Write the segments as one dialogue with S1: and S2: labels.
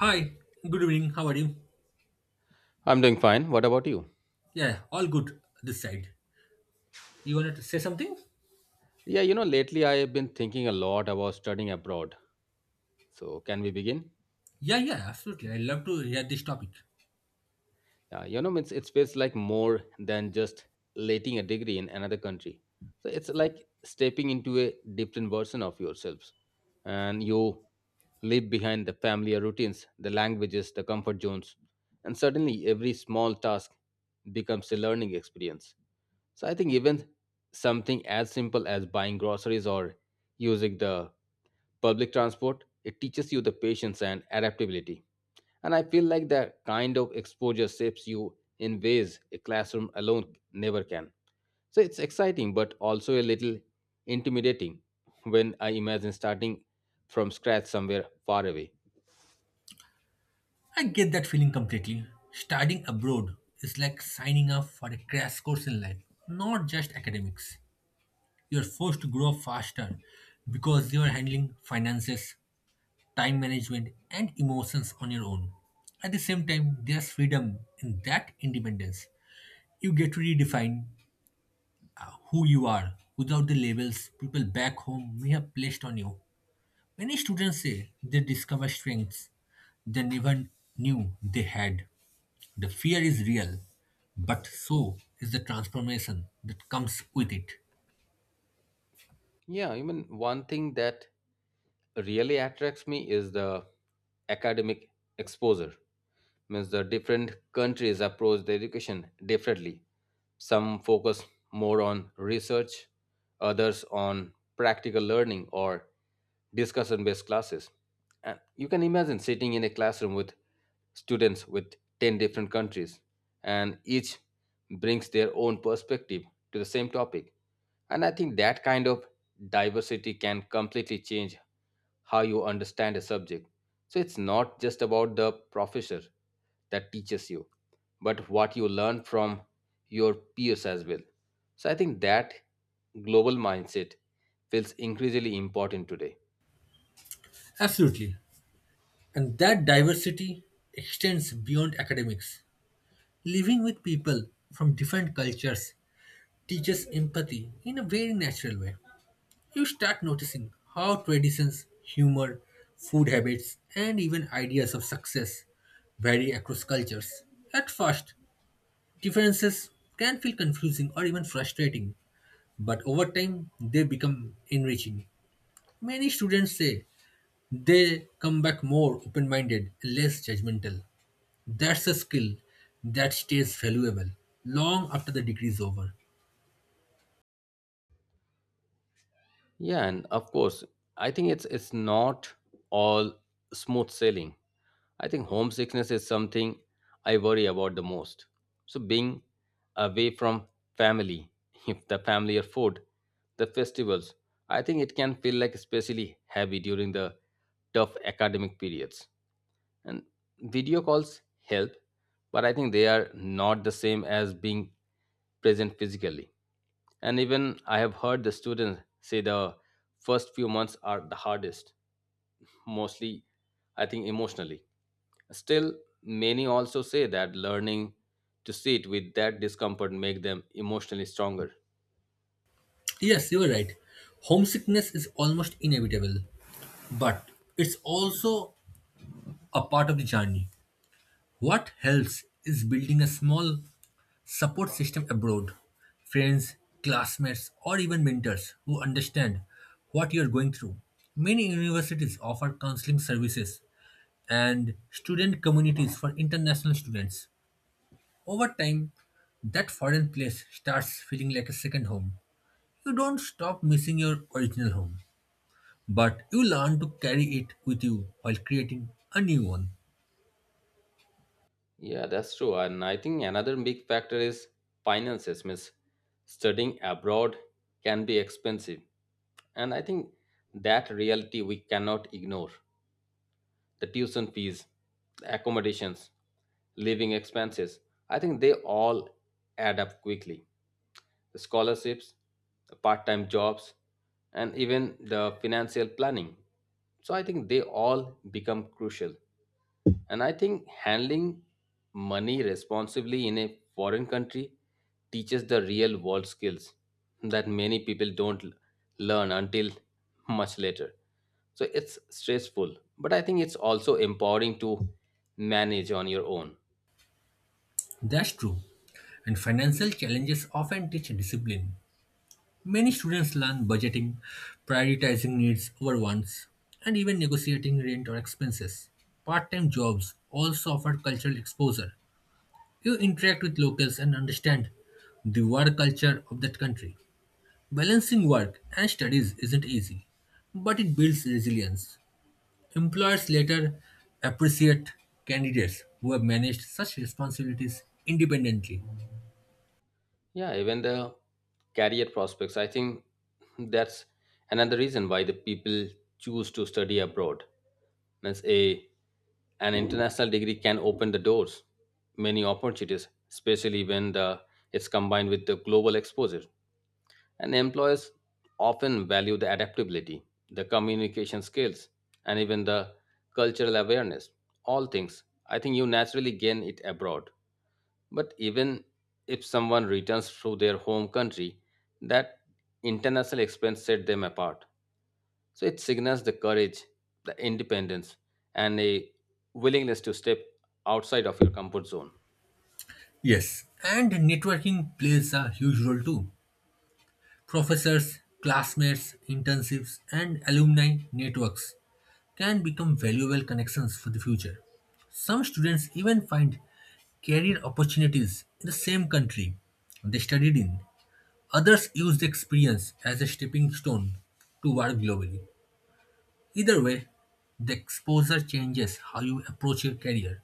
S1: Hi, good evening. How are you?
S2: I'm doing fine. What about you?
S1: Yeah, all good this side. You wanted to say something?
S2: Yeah, you know, lately I have been thinking a lot about studying abroad. So, can we begin?
S1: Yeah, absolutely. I love to hear this topic.
S2: Yeah, you know, it feels like more than just letting a degree in another country. So, it's like stepping into a different version of yourselves. And you leave behind the familiar routines, the languages, the comfort zones. And suddenly, every small task becomes a learning experience. So, I think even something as simple as buying groceries or using the public transport, it teaches you the patience and adaptability. And I feel like that kind of exposure shapes you in ways a classroom alone never can. So it's exciting, but also a little intimidating when I imagine starting from scratch somewhere far away.
S1: I get that feeling completely. Studying abroad is like signing up for a crash course in life, not just academics. You're forced to grow up faster because you're handling finances, time management, and emotions on your own. At the same time, there's freedom in that independence. You get to redefine who you are without the labels people back home may have placed on you. Many students say they discover strengths they never knew they had. The fear is real, but so is the transformation that comes with it.
S2: Yeah, I mean, one thing that really attracts me is the academic exposure. Means the different countries approach the education differently. Some focus more on research, others on practical learning or discussion based classes. And you can imagine sitting in a classroom with students with 10 different countries, and each brings their own perspective to the same topic. And I think that kind of diversity can completely change how you understand a subject. So it's not just about the professor that teaches you, but what you learn from your peers as well. So I think that global mindset feels increasingly important today.
S1: Absolutely. And that diversity extends beyond academics. Living with people from different cultures teaches empathy in a very natural way. You start noticing how traditions, humor, food habits, and even ideas of success vary across cultures. At first, differences can feel confusing or even frustrating, but over time, they become enriching. Many students say they come back more open minded and less judgmental. That's a skill that stays valuable long after the degree is over.
S2: Yeah, and of course, I think it's not all smooth sailing. I think homesickness is something I worry about the most. So being away from family, if the family or food, the festivals, I think it can feel like especially heavy during the tough academic periods, and video calls help, but I think they are not the same as being present physically. And even I have heard the students say the first few months are the hardest, mostly I think emotionally. Still, many also say that learning to sit with that discomfort make them emotionally stronger.
S1: Yes, you are right. Homesickness is almost inevitable, but it's also a part of the journey. What helps is building a small support system abroad friends, classmates, or even mentors who understand what you're going through. Many universities offer counseling services and student communities for international students. Over time, that foreign place starts feeling like a second home. You don't stop missing your original home, but you learn to carry it with you while creating a new one.
S2: Yeah, that's true. And I think another big factor is finances, miss. Studying abroad can be expensive. And I think that reality we cannot ignore. The tuition fees, the accommodations, living expenses, I think they all add up quickly. The scholarships, the part time jobs, and even the financial planning. So I think they all become crucial. And I think handling money responsibly in a foreign country teaches the real world skills that many people don't l- learn until much later. So it's stressful, but I think it's also empowering to manage on your own.
S1: That's true. And financial challenges often teach discipline. Many students learn budgeting, prioritizing needs over wants, and even negotiating rent or expenses. Part time jobs also offer cultural exposure. You interact with locals and understand the work culture of that country. Balancing work and studies isn't easy, but it builds resilience. Employers later appreciate candidates who have managed such responsibilities independently.
S2: Yeah, even the career prospects. I think that's another reason why the people choose to study abroad. Means a an international degree can open the doors, many opportunities, especially when the it's combined with the global exposure. And employers often value the adaptability, the communication skills, and even the cultural awareness. All things. I think you naturally gain it abroad. But even if someone returns to their home country, that international expense set them apart. So it signals the courage, the independence, and a willingness to step outside of your comfort zone.
S1: Yes, and networking plays a huge role too. Professors, classmates, internships, and alumni networks can become valuable connections for the future. Some students even find career opportunities in the same country they studied in. Others use the experience as a stepping stone to work globally. Either way, the exposure changes how you approach your career.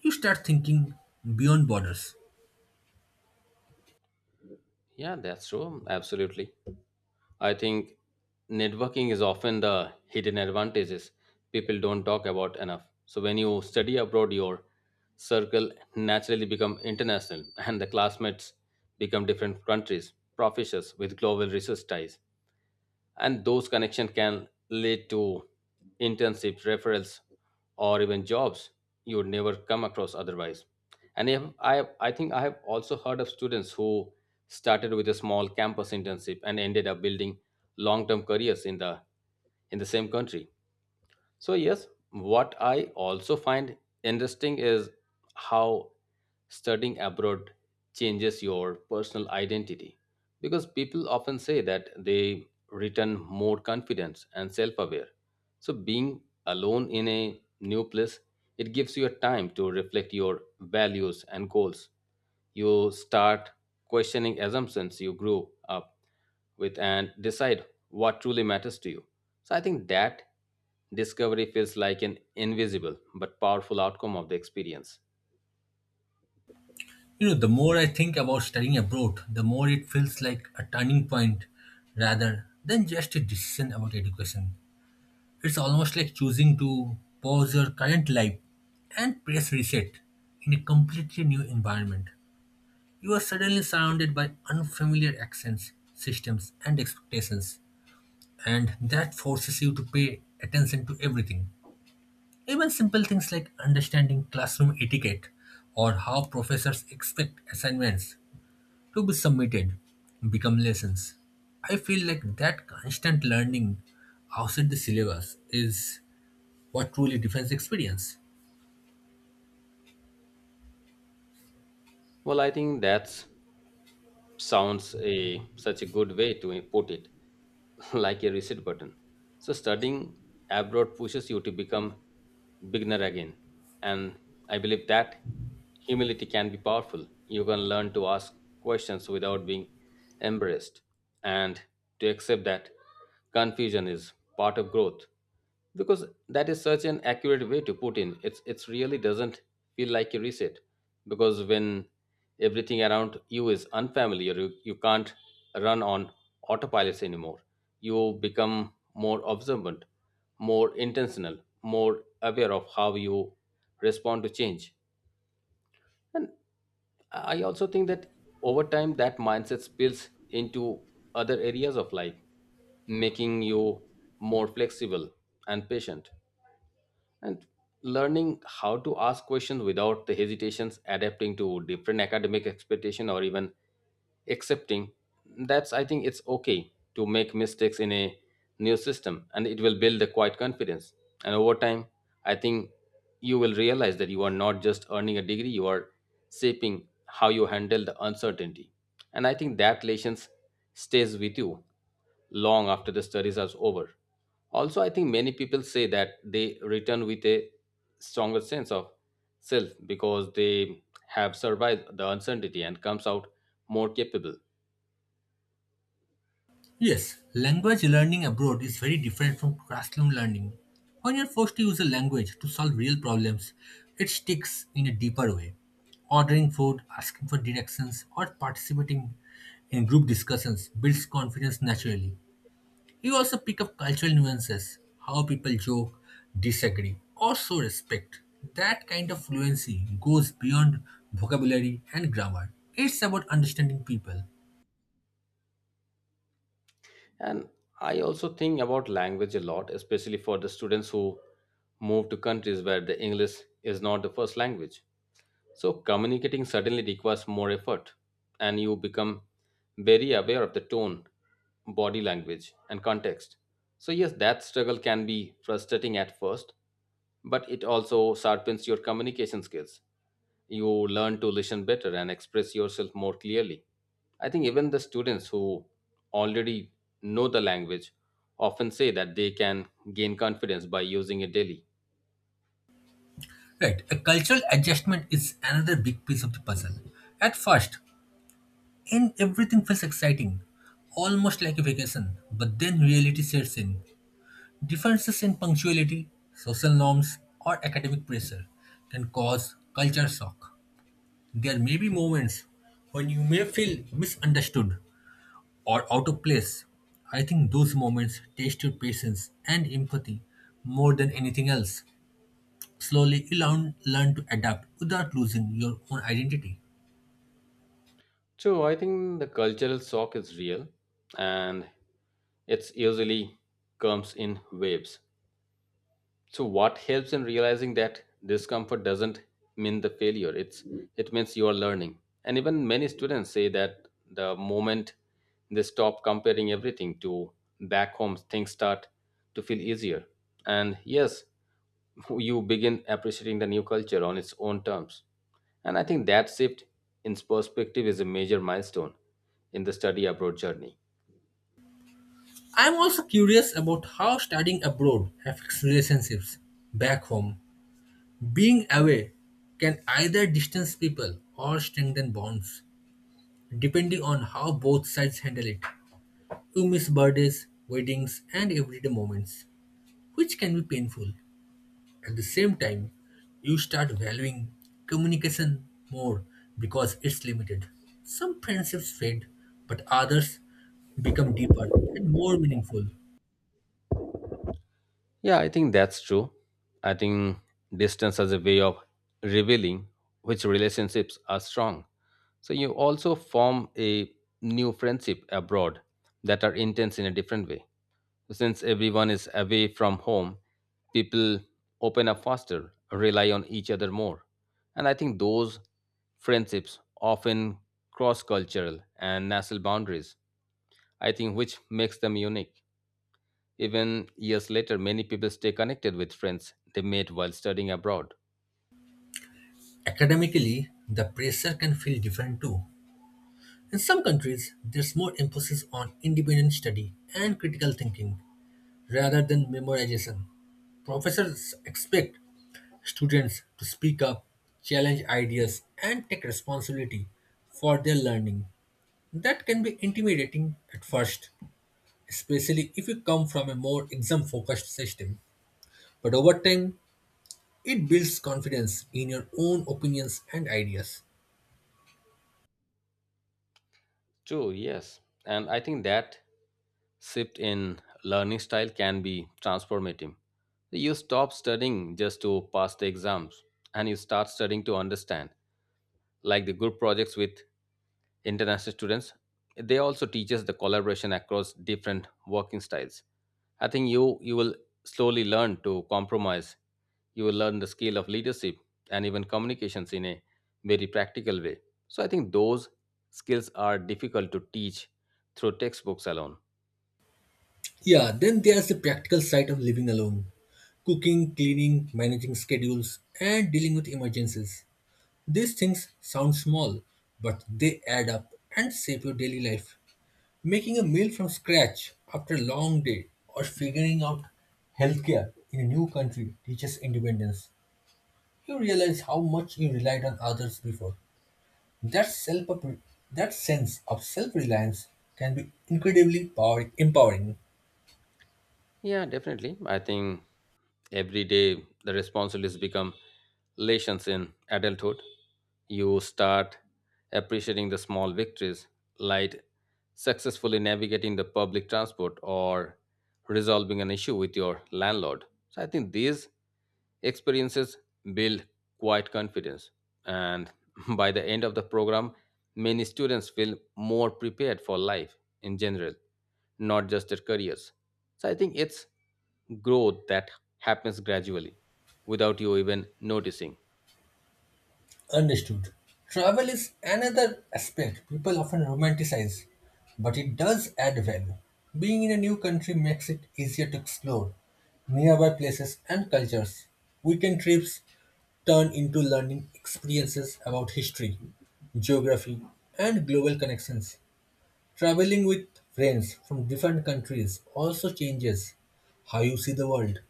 S1: You start thinking beyond borders.
S2: Yeah, that's true. Absolutely. I think networking is often the hidden advantages people don't talk about enough. So when you study abroad, your circle naturally become international, and the classmates become different countries, professors with global research ties, and those connections can lead to internships, referrals, or even jobs you would never come across otherwise. And if I I think I have also heard of students who started with a small campus internship and ended up building long term careers in the same country. So, yes, what I also find interesting is how studying abroad changes your personal identity, because people often say that they return more confident and self aware. So, being alone in a new place, it gives you a time to reflect your values and goals. You start questioning assumptions you grew up with and decide what truly matters to you. So I think that discovery feels like an invisible but powerful outcome of the experience.
S1: You know, the more I think about studying abroad, the more it feels like a turning point rather than just a decision about education. It's almost like choosing to pause your current life and press reset in a completely new environment. You are suddenly surrounded by unfamiliar accents, systems, and expectations, and that forces you to pay attention to everything. Even simple things like understanding classroom etiquette or how professors expect assignments to be submitted become lessons. I feel like that constant learning outside the syllabus is what truly defines experience.
S2: Well, I think that sounds a such a good way to put it, like a reset button. So studying abroad pushes you to become beginner again, and I believe that humility can be powerful. You can learn to ask questions without being embarrassed, and to accept that confusion is part of growth. Because that is such an accurate way to put in, it's really doesn't feel like a reset. Because when everything around you is unfamiliar, you can't run on autopilots anymore. You become more observant, more intentional, more aware of how you respond to change. And I also think that over time, that mindset spills into other areas of life, making you more flexible and patient. And learning how to ask questions without the hesitations, adapting to different academic expectation, or even accepting that's I think it's okay to make mistakes in a new system, and it will build a quiet confidence. And over time, I think you will realize that you are not just earning a degree, you are shaping how you handle the uncertainty. And I think that lessons stays with you long after the studies are over. Also, I think many people say that they return with a stronger sense of self because they have survived the uncertainty and comes out more capable.
S1: Yes, language learning abroad is very different from classroom learning. When you're forced to use a language to solve real problems, it sticks in a deeper way. Ordering food, asking for directions, or participating in group discussions builds confidence naturally. You also pick up cultural nuances, how people joke, disagree, or show respect. That kind of fluency goes beyond vocabulary and grammar. It's about understanding people.
S2: And I also think about language a lot, especially for the students who move to countries where the english is not the first language. So communicating suddenly requires more effort, and you become very aware of the tone, body language, and context. So, yes, that struggle can be frustrating at first, but it also sharpens your communication skills. You learn to listen better and express yourself more clearly. I think even the students who already know the language often say that they can gain confidence by using it daily.
S1: Right, a cultural adjustment is another big piece of the puzzle. At first, in everything feels exciting, almost like a vacation, but then reality sets in. Differences in punctuality, social norms, or academic pressure can cause culture shock. There may be moments when you may feel misunderstood or out of place. I think those moments test your patience and empathy more than anything else. Slowly, you learn to adapt without losing your own identity.
S2: So I think the cultural shock is real, and it's usually comes in waves. So what helps in realizing that discomfort doesn't mean the failure. It means you are learning. And even many students say that the moment they stop comparing everything to back home, things start to feel easier. And yes, you begin appreciating the new culture on its own terms. And I think that shift in perspective is a major milestone in the study abroad journey.
S1: I'm also curious about how studying abroad affects relationships back home. Being away can either distance people or strengthen bonds, depending on how both sides handle it. You miss birthdays, weddings, and everyday moments, which can be painful. At the same time, you start valuing communication more because it's limited. Some friendships fade, but others become deeper and more meaningful.
S2: Yeah, I think that's true. I think distance as a way of revealing which relationships are strong. So you also form a new friendship abroad that are intense in a different way. Since everyone is away from home, people open up faster, rely on each other more. And I think those friendships often cross cultural and national boundaries, I think, which makes them unique. Even years later, many people stay connected with friends they made while studying abroad.
S1: Academically, the pressure can feel different too. In some countries, there's more emphasis on independent study and critical thinking rather than memorization. Professors expect students to speak up, challenge ideas, and take responsibility for their learning. That can be intimidating at first, especially if you come from a more exam focused system. But over time, it builds confidence in your own opinions and ideas.
S2: True, yes. And I think that shift in learning style can be transformative. You stop studying just to pass the exams and you start studying to understand. Like the group projects with international students, they also teaches the collaboration across different working styles. I think you will slowly learn to compromise, you will learn the skill of leadership and even communications in a very practical way. So I think those skills are difficult to teach through textbooks alone.
S1: Yeah, then there's the practical side of living alone cooking, cleaning, managing schedules, and dealing with emergencies. These things sound small, but they add up and shape your daily life. Making a meal from scratch after a long day or figuring out healthcare in a new country teaches independence. You realize how much you relied on others before. That self that sense of self-reliance can be incredibly empowering.
S2: Yeah, definitely, I think every day, the responsibilities become lessons in adulthood. You start appreciating the small victories, like successfully navigating the public transport or resolving an issue with your landlord. So, I think these experiences build quite confidence. And by the end of the program, many students feel more prepared for life in general, not just their careers. So, I think it's growth that happens gradually without you even noticing.
S1: Understood. Travel is another aspect people often romanticize, but it does add value. Being in a new country makes it easier to explore nearby places and cultures. Weekend trips turn into learning experiences about history, geography, and global connections. Traveling with friends from different countries also changes how you see the world.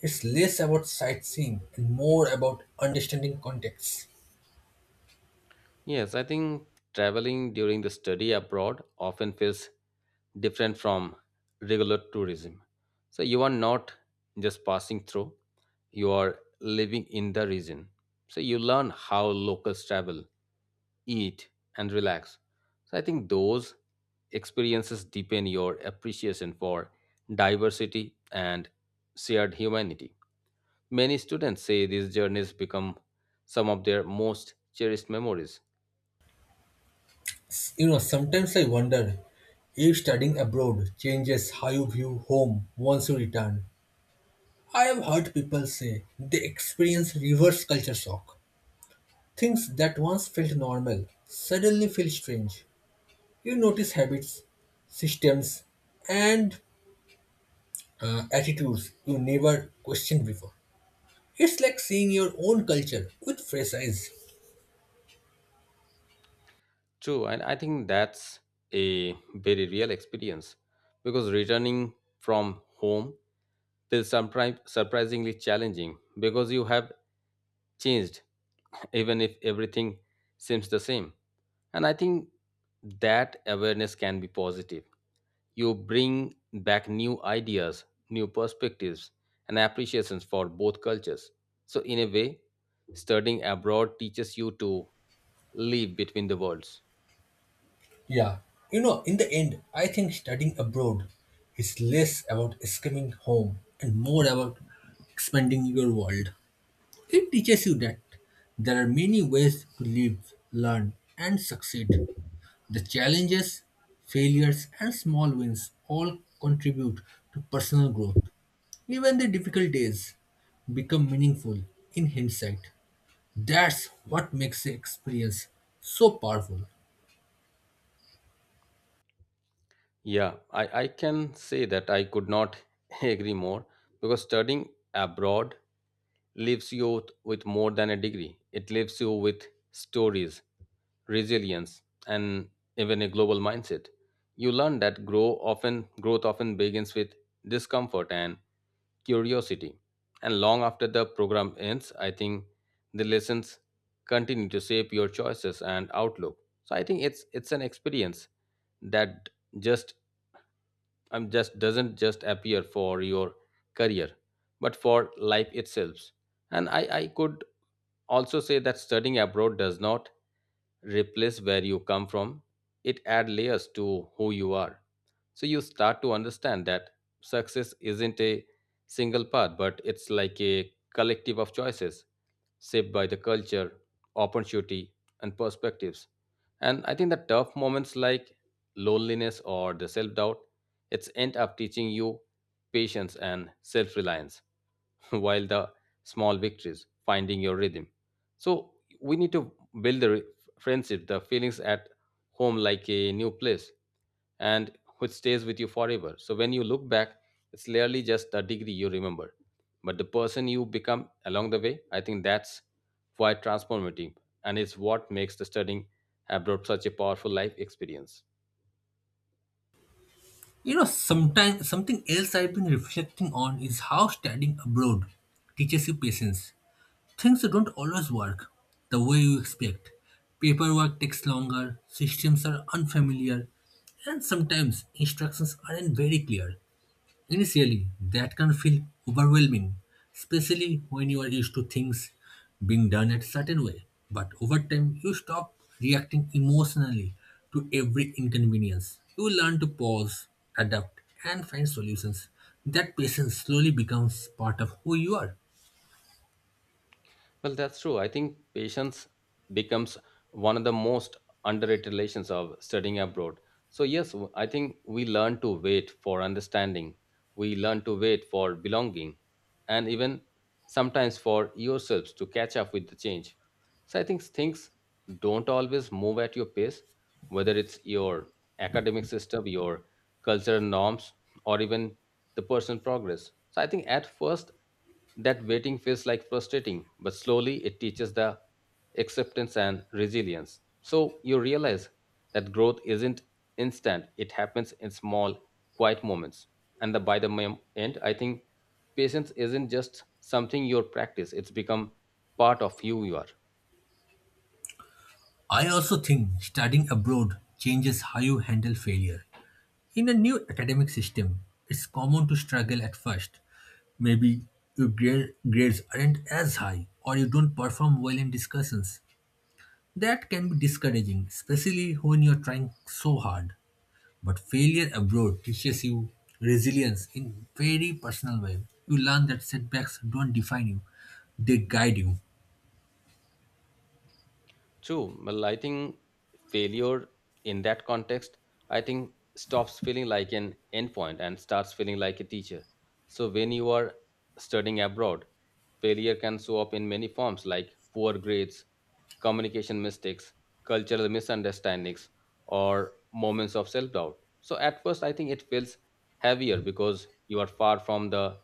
S1: It's less about sightseeing and more about understanding contexts.
S2: Yes, I think traveling during the study abroad often feels different from regular tourism. So you are not just passing through, you are living in the region. So you learn how locals travel, eat, and relax. So I think those experiences deepen your appreciation for diversity and shared humanity. Many students say these journeys become some of their most cherished memories.
S1: You know, sometimes I wonder if studying abroad changes how you view home once you return. I have heard people say they experience reverse culture shock. Things that once felt normal suddenly feel strange. You notice habits, systems, and attitudes you never questioned before. It's like seeing your own culture with fresh eyes.
S2: True, and I think that's a very real experience because returning from home feels sometimes surprisingly challenging because you have changed, even if everything seems the same. And I think that awareness can be positive. You bring back new ideas, new perspectives, and appreciations for both cultures. So, in a way, studying abroad teaches you to live between the worlds.
S1: Yeah, you know, in the end, I think studying abroad is less about escaping home and more about expanding your world. It teaches you that there are many ways to live, learn, and succeed. The challenges, failures, and small wins all contribute to personal growth. Even the difficult days become meaningful in hindsight. That's what makes the experience so powerful.
S2: Yeah, I can say that I could not agree more because studying abroad leaves you with more than a degree. It leaves you with stories, resilience, and even a global mindset. You learn that growth often begins with discomfort and curiosity. And long after the program ends, I think the lessons continue to shape your choices and outlook. So I think it's an experience that just just doesn't just appear for your career, but for life itself. And I could also say that studying abroad does not replace where you come from, it adds layers to who you are. So you start to understand that success isn't a single path, but it's like a collective of choices shaped by the culture, opportunity, and perspectives. And I think the tough moments like loneliness or the self-doubt, it's end up teaching you patience and self-reliance. While the small victories finding your rhythm, so we need to build the friendship, the feelings at home like a new place, and which stays with you forever. So when you look back, it's literally just a degree you remember, but the person you become along the way. I think that's quite transformative, and it's what makes the studying abroad such a powerful life experience.
S1: You know, sometimes something else I've been reflecting on is how studying abroad teaches you patience. Things don't always work the way you expect. Paperwork takes longer, systems are unfamiliar, and sometimes instructions aren't very clear. Initially, that can feel overwhelming, especially when you are used to things being done a certain way. But over time, you stop reacting emotionally to every inconvenience. You learn to pause, adapt, and find solutions. That patience slowly becomes part of who you are.
S2: Well, that's true. I think patience becomes one of the most underrated lessons of studying abroad. So, yes, I think we learn to wait for understanding, we learn to wait for belonging, and even sometimes for yourselves to catch up with the change. So, I think things don't always move at your pace, whether it's your academic system, your cultural norms, or even the personal progress. So, I think at first that waiting feels like frustrating, but slowly it teaches the acceptance and resilience. So you realize that growth isn't instant, it happens in small, quiet moments. And the, by the mem- end, I think patience isn't just something you practice, it's become part of who you are.
S1: I also think studying abroad changes how you handle failure. In a new academic system, it's common to struggle at first. Maybe your grades aren't as high, or you don't perform well in discussions. That can be discouraging, especially when you're trying so hard. But failure abroad teaches you resilience in very personal way. You learn that setbacks don't define you, they guide you.
S2: True. Well, I think failure in that context, I think stops feeling like an endpoint and starts feeling like a teacher. So when you are studying abroad, failure can show up in many forms like poor grades, communication mistakes, cultural misunderstandings, or moments of self doubt. So, at first, I think it feels heavier because you are far from the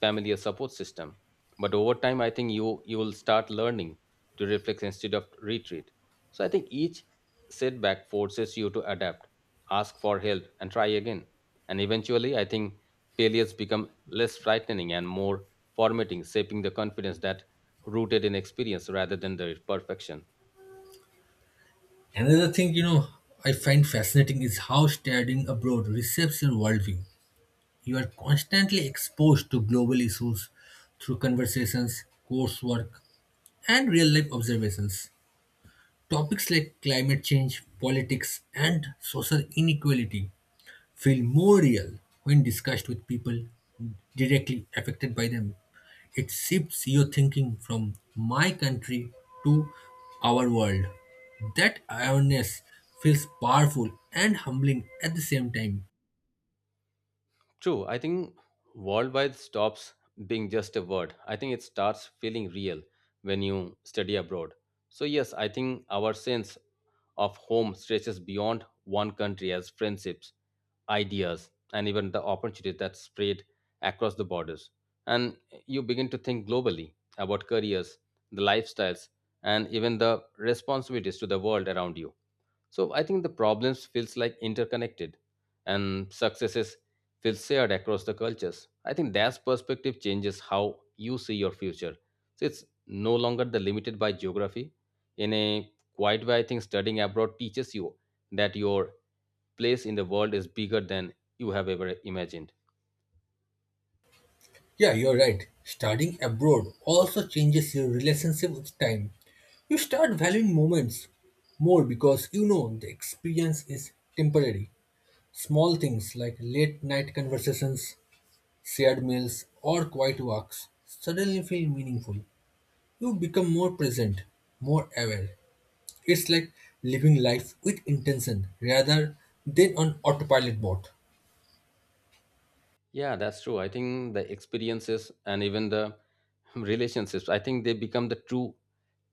S2: familiar support system. But over time, I think you will start learning to reflect instead of retreat. So, I think each setback forces you to adapt, ask for help, and try again. And eventually, I think failures become less frightening and more formatting, shaping the confidence that rooted in experience rather than the perfection.
S1: Another thing, you know, I find fascinating is how studying abroad reshapes your worldview. You are constantly exposed to global issues through conversations, coursework, and real life observations. Topics like climate change, politics, and social inequality feel more real when discussed with people directly affected by them. It shifts your thinking from my country to our world. That awareness feels powerful and humbling at the same time.
S2: True, I think worldwide stops being just a word. I think it starts feeling real when you study abroad. So, yes, I think our sense of home stretches beyond one country as friendships, ideas, and even the opportunities that spread across the borders. And you begin to think globally about careers, the lifestyles, and even the responsibilities to the world around you. So I think the problems feels like interconnected and successes feel shared across the cultures. I think that perspective changes how you see your future. So it's no longer the limited by geography. In a quiet way, I think studying abroad teaches you that your place in the world is bigger than you have ever imagined.
S1: Yeah, you're right. Studying abroad also changes your relationship with time. You start valuing moments more because you know the experience is temporary. Small things like late night conversations, shared meals, or quiet walks suddenly feel meaningful. You become more present, more aware. It's like living life with intention rather than on autopilot mode.
S2: Yeah, that's true. I think the experiences and even the relationships, I think they become the true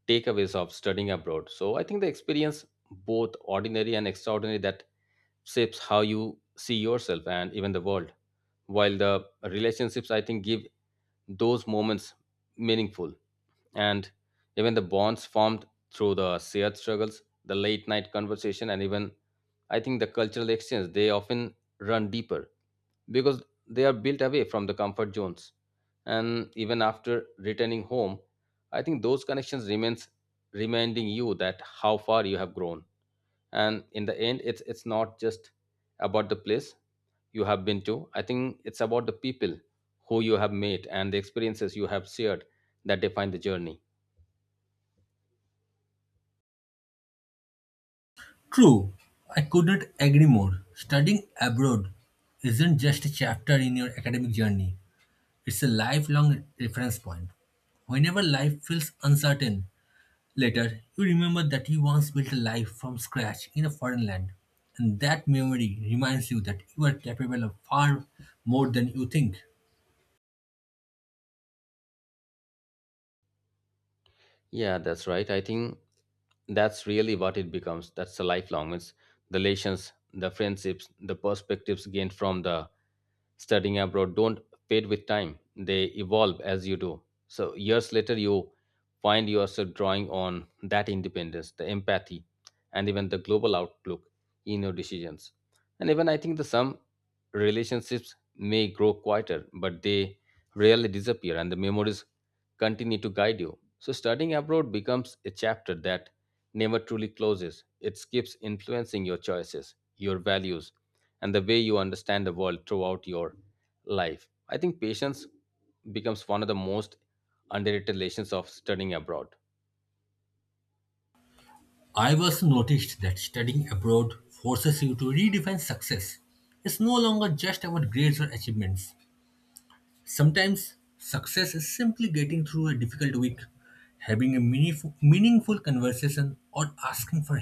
S2: takeaways of studying abroad. So I think the experience, both ordinary and extraordinary, that shapes how you see yourself and even the world. While the relationships, I think, give those moments meaningful. And even the bonds formed through the shared struggles, the late night conversation, and even I think the cultural exchange, they often run deeper because they are built away from the comfort zones. And even after returning home, I think those connections remains, reminding you that how far you have grown. And in the end, it's not just about the place you have been to. I think it's about the people who you have met and the experiences you have shared that define the journey.
S1: True, I couldn't agree more. Studying abroad isn't just a chapter in your academic journey, it's a lifelong reference point. Whenever life feels uncertain later, you remember that you once built a life from scratch in a foreign land, and that memory reminds you that you are capable of far more than you think.
S2: Yeah, that's right. I think that's really what it becomes. That's the lifelong. It's the relations, the friendships, the perspectives gained from the studying abroad don't fade with time. They evolve as you do. So years later, you find yourself drawing on that independence, the empathy, and even the global outlook in your decisions. And even I think the some relationships may grow quieter, but they rarely disappear, and the memories continue to guide you. So, studying abroad becomes a chapter that never truly closes. It keeps influencing your choices, your values, and the way you understand the world throughout your life. I think patience becomes one of the most underrated lessons of studying abroad.
S1: I've also noticed that studying abroad forces you to redefine success. It's no longer just about grades or achievements. Sometimes success is simply getting through a difficult week, having a meaningful conversation, or asking for